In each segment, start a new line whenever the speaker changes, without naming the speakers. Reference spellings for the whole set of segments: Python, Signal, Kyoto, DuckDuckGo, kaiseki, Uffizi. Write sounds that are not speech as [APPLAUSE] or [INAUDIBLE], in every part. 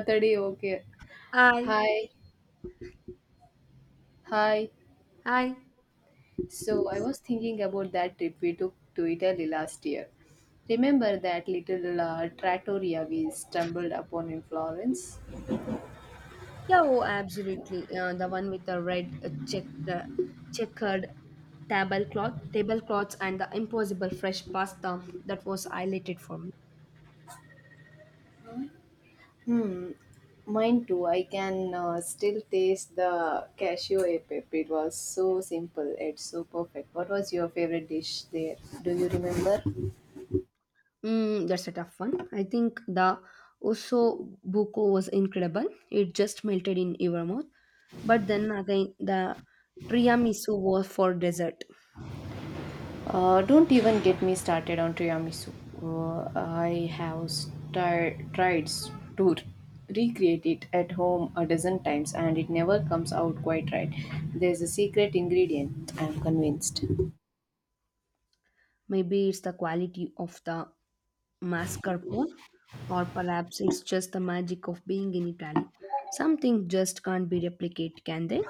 Saturday, okay.
Hi,
Hi, hi.
hi.
So I was thinking about that trip we took to Italy last year. Remember that little trattoria we stumbled upon in Florence?
Yeah, oh, absolutely. The one with the red checkered tablecloths, and the impossible fresh pasta that was highlighted for me.
Mine too. I can still taste the cashew e pepe. It was so simple. It's so perfect. What was your favorite dish there? Do you remember?
Mm, that's a tough one. I think the osso buco was incredible. It just melted in your mouth. But then again, the tiramisu was for dessert.
Don't even get me started on tiramisu. I have tried to recreate it at home a dozen times, and it never comes out quite right. There's a secret ingredient, I'm convinced.
Maybe it's the quality of the mascarpone, or perhaps it's just the magic of being in Italy. Something just can't be replicated, can they?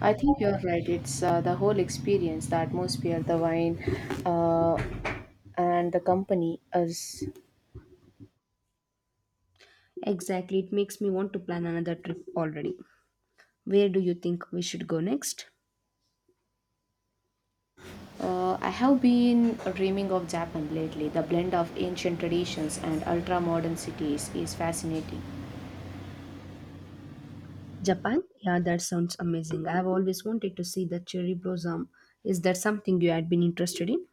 I think you're right. It's the whole experience, the atmosphere, the wine, uh, and the company. Us.
Exactly, it makes me want to plan another trip already. Where do you think we should go next?
I have been dreaming of Japan lately. The blend of ancient traditions and ultra modern cities is fascinating.
Japan? Yeah, that sounds amazing. I've always wanted to see the cherry blossom. Is that something you had been interested in?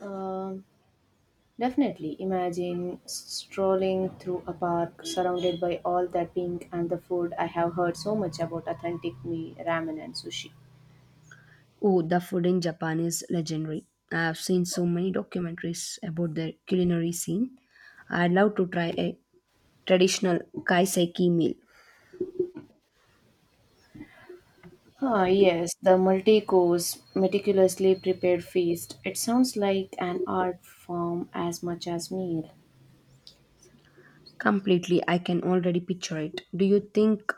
Um Definitely imagine strolling through a park surrounded by all that pink, and the food I have heard so much about, authentic me ramen and sushi.
Oh, the food in Japan is legendary. I have seen so many documentaries about the culinary scene. I'd love to try a traditional kaiseki meal.
Ah, yes, the multi course, meticulously prepared feast. It sounds like an art form as much as meal.
Completely, I can already picture it. Do you think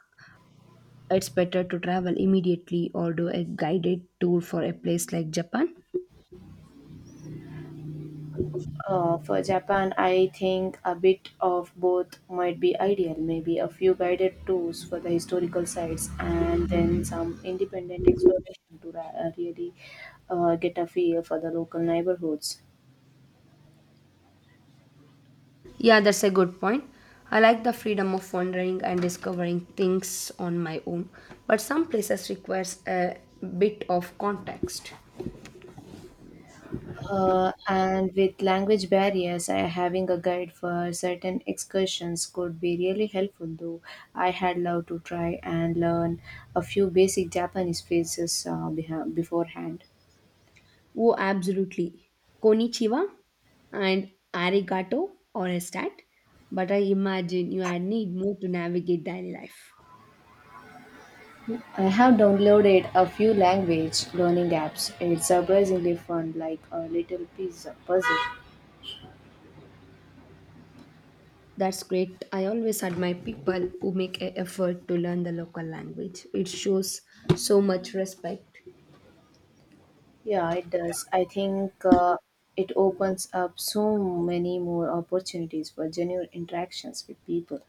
it's better to travel immediately or do a guided tour for a place like Japan?
For Japan, I think a bit of both might be ideal. Maybe a few guided tours for the historical sites, and then some independent exploration to really get a feel for the local neighborhoods.
Yeah, that's a good point. I like the freedom of wandering and discovering things on my own, but some places requires a bit of context.
And with language barriers, I, having a guide for certain excursions could be really helpful, though I had loved to try and learn a few basic Japanese phrases beforehand.
Oh, absolutely. Konichiwa and arigato or a stat, but I imagine you are need more to navigate daily life.
I have downloaded a few language learning apps. It's surprisingly fun, like a little pizza puzzle.
That's great. I always admire people who make an effort to learn the local language. It shows so much respect.
Yeah, it does. I think it opens up so many more opportunities for genuine interactions with people.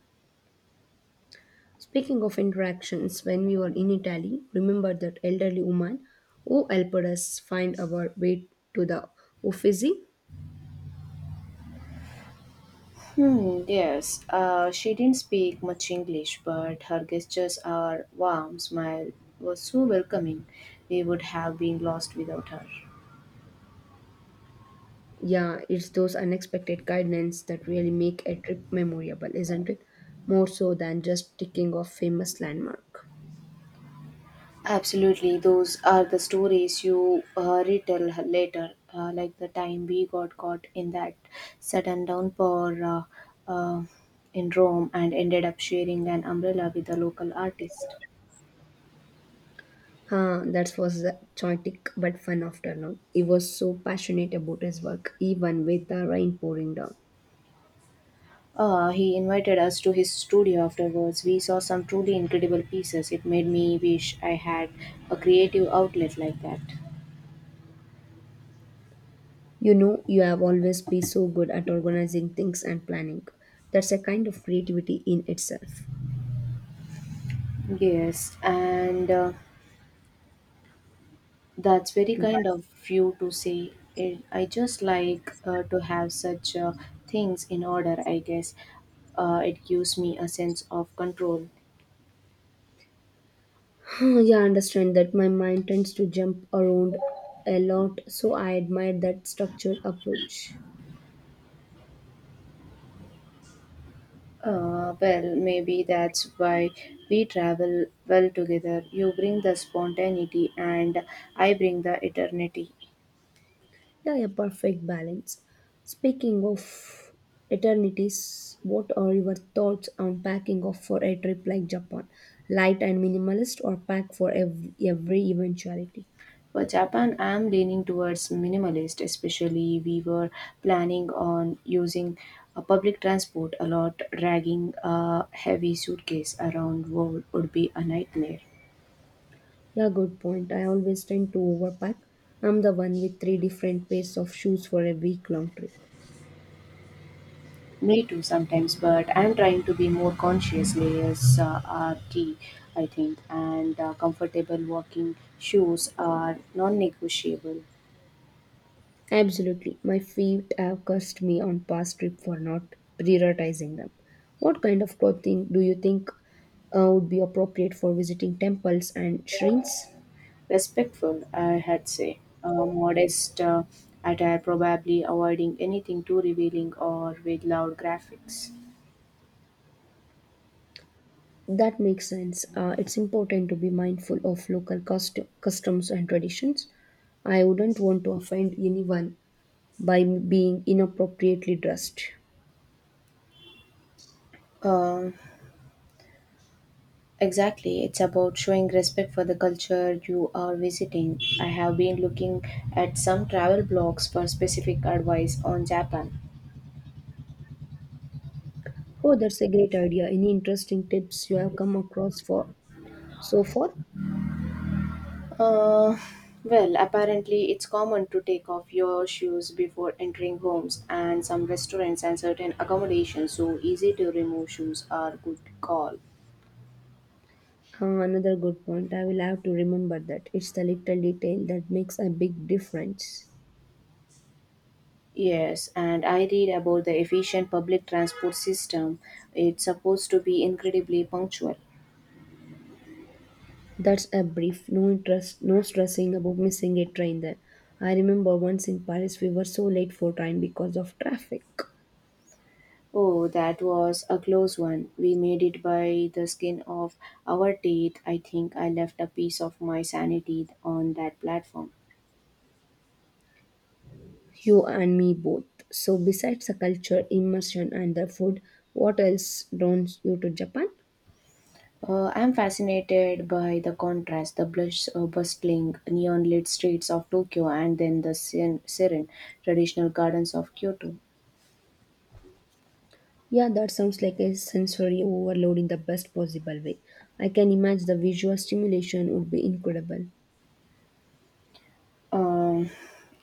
Speaking of interactions, when we were in Italy, remember that elderly woman who helped us find our way to the Uffizi?
Hmm, yes, she didn't speak much English, but her gestures, her warm smile was so welcoming. We would have been lost without her.
Yeah, it's those unexpected guidance that really make a trip memorable, isn't it? More so than just ticking off famous landmark.
Absolutely, those are the stories you retell later, like the time we got caught in that sudden downpour, uh, in Rome, and ended up sharing an umbrella with a local artist.
Huh, that was a chaotic but fun afternoon. He was so passionate about his work, even with the rain pouring down.
He invited us to his studio afterwards. We saw some truly incredible pieces. It made me wish I had a creative outlet like that.
You know you have always been so good at organizing things and planning. That's a kind of creativity in itself.
Yes, and that's very kind
That-
of you to say. Eh, I just like to have such things in order, I guess. It gives me a sense of control.
[SIGHS] yeah, I understand that my mind tends to jump around a lot, so I admire that structured approach.
Well, maybe that's why we travel well together. You bring the spontaneity, and I bring the eternity.
Yeah, a perfect balance. Speaking of eternities, what are your thoughts on packing off for a trip like Japan? Light and minimalist, or pack for every eventuality?
For Japan, I am leaning towards minimalist, especially we were planning on using a public transport a lot. Dragging a heavy suitcase around world would be a nightmare.
Yeah, good point. I always tend to overpack. I'm the one with three different pairs of shoes for a week long trip.
Me too sometimes, but I'm trying to be more conscious. Layers are key, I think, and comfortable walking shoes are non negotiable.
Absolutely. My feet have cursed me on past trip for not prioritizing them. What kind of clothing do you think would be appropriate for visiting temples and shrines?
Respectful, I had say. Modest attire, probably avoiding anything too revealing or with loud graphics.
That makes sense. It's important to be mindful of local customs and traditions. I wouldn't want to offend anyone by being inappropriately dressed.
Um, exactly. It's about showing respect for the culture you are visiting. I have been looking at some travel blogs for specific advice on Japan.
Oh, that's a great idea. Any interesting tips you have come across for so far?
Uh, well, apparently, it's common to take off your shoes before entering homes, and some restaurants and certain accommodations, so easy to remove shoes are good call.
Another good point. I will have to remember that it's the little detail that makes a big difference.
Yes, and I read about the efficient public transport system. It's supposed to be incredibly punctual.
That's a brief, no interest, no stressing about missing a train there. I remember once in Paris we were so late for train because of traffic.
Oh, that was a close one. We made it by the skin of our teeth. I think I left a piece of my sanity on that platform.
You and me both. So, besides the culture, immersion, and the food, what else draws you to Japan?
I'm fascinated by the contrast, the blush, bustling, neon lit streets of Tokyo, and then the serene, traditional gardens of Kyoto.
Yeah, that sounds like a sensory overload in the best possible way. I can imagine the visual stimulation would be incredible.
Um,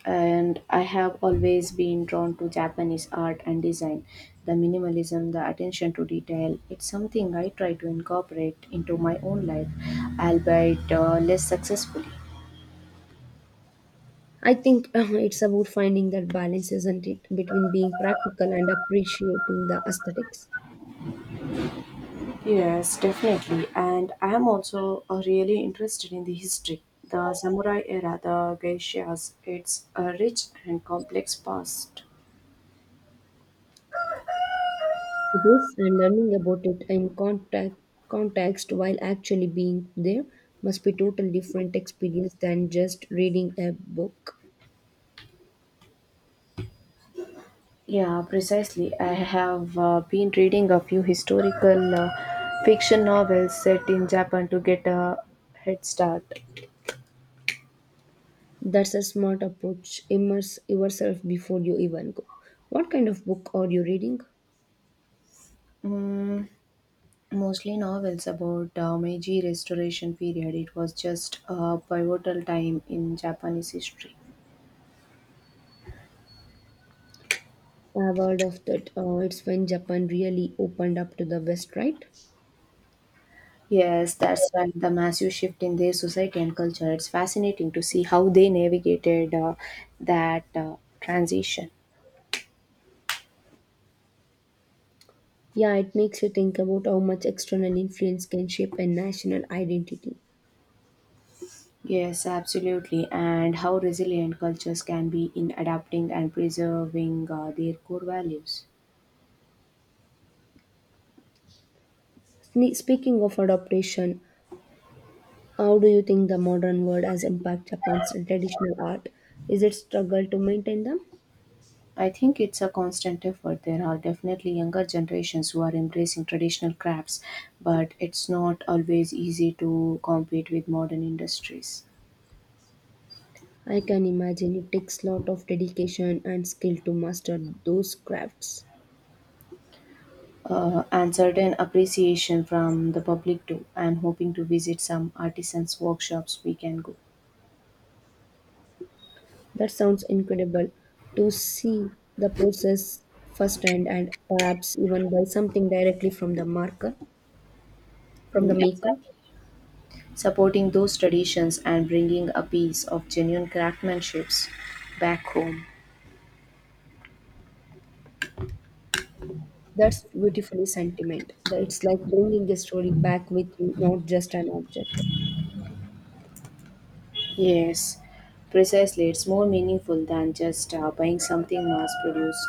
and I have always been drawn to Japanese art and design. The minimalism, the attention to detail, it's something I try to incorporate into my own life, albeit less successfully.
I think [LAUGHS] it's about finding that balance, isn't it, between being practical and appreciating the aesthetics.
Yes, definitely. And I am also really interested in the history. The samurai era, the geishas, it's a rich and complex past.
It is, and learning about it in context while actually being there must be totally different experience than just reading a book.
Yeah, precisely. I have been reading a few historical fiction novels set in Japan to get a head start.
That's a smart approach. Immerse yourself before you even go. What kind of book are you reading?
Mostly novels about Meiji Restoration period. It was just a pivotal time in Japanese history.
I've heard of that. It's when Japan really opened up to the West, right?
Yes, that's right. The massive shift in their society and culture. It's fascinating to see how they navigated that transition.
Yeah, it makes you think about how much external influence can shape a national identity.
Yes, absolutely. And how resilient cultures can be in adapting and preserving their core values.
Speaking of adaptation, how do you think the modern world has impacted Japan's traditional art? Is it struggle to maintain them?
I think it's a constant effort. There are definitely younger generations who are embracing traditional crafts, but it's not always easy to compete with modern industries.
I can imagine it takes lot of dedication and skill to master those crafts.
And certain appreciation from the public too. I'm hoping to visit some artisans' workshops we can go.
That sounds incredible to see the process firsthand and perhaps even buy something directly from the
Mm,
maker.
exactly. Supporting those traditions and bringing a piece of genuine craftsmanship back home.
That's beautifully sentiment. That it's like bringing a story back with you, not just an object.
Yes, precisely. It's more meaningful than just buying something mass produced.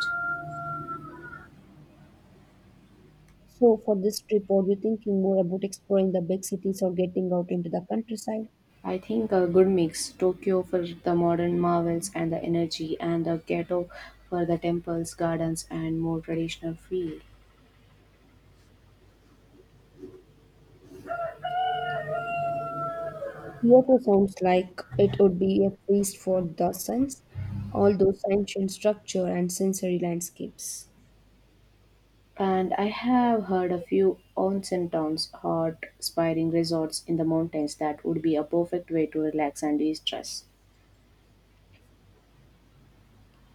So, for this trip, are you thinking more about exploring the big cities or getting out into the countryside?
I think a good mix, Tokyo for the modern marvels and the energy, and the ghetto for the temples, gardens, and more traditional feel.
Kyoto sounds like it would be a feast for the sense, all those ancient structure and sensory landscapes.
And I have heard a few onsen towns, hot, inspiring resorts in the mountains that would be a perfect way to relax and de stress.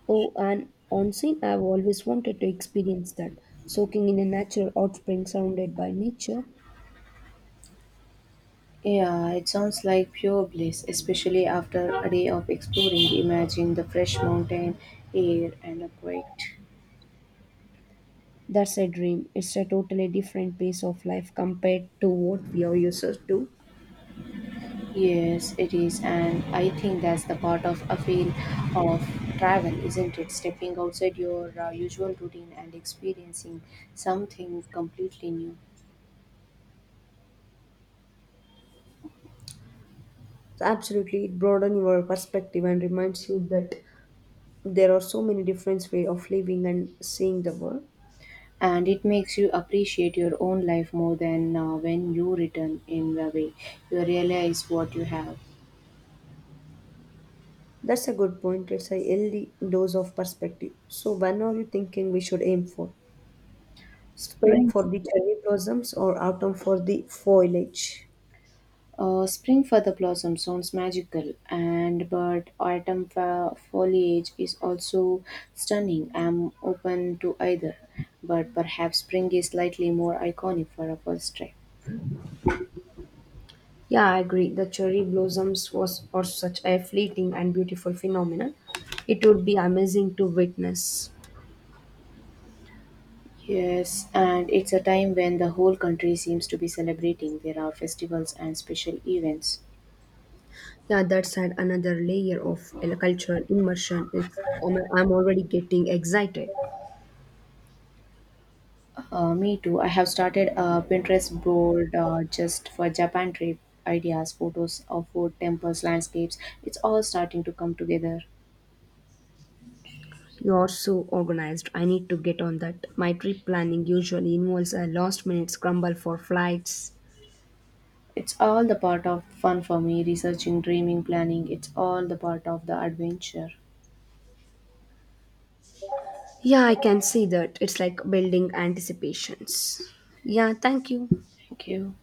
Oh, and on scene, I've always wanted to experience that. Soaking in a natural hot spring surrounded by nature,
Yeah, it sounds like pure bliss, especially after a day of exploring. Imagine the fresh mountain air and the quiet.
that's a dream. It's a totally different pace of life compared to what we are used to.
Yes, it is, and I think that's the part of a feel of travel, isn't it? Stepping outside your usual routine and experiencing something completely new.
So absolutely, it broadens your perspective and reminds you that there are so many different ways of living and seeing the world.
And it makes you appreciate your own life more than when you return, in the way you realize what you have.
That's a good point. It's a healthy dose of perspective. So, when are you thinking we should aim for? Spring
Spring.
for the cherry blossoms or autumn for the foliage?
Spring for the blossom sounds magical, and but autumn foliage is also stunning. I'm open to either, but perhaps spring is slightly more iconic for a first trip.
Yeah, I agree. The cherry blossoms was are such a fleeting and beautiful phenomenon. It would be amazing to witness.
Yes, and it's a time when the whole country seems to be celebrating. There are festivals and special events.
Yeah, that's had another layer of a cultural immersion. It's I'm already getting excited.
Me too. I have started a Pinterest board just for Japan trip ideas, photos of food, temples, landscapes. It's all starting to come together.
You are so organized. I need to get on that. My trip planning usually involves a last minute scramble for flights.
It's all the part of fun for me, researching, dreaming, planning. It's all the part of the adventure.
Yeah, I can see that. It's like building anticipations. Yeah, thank you.
Thank you.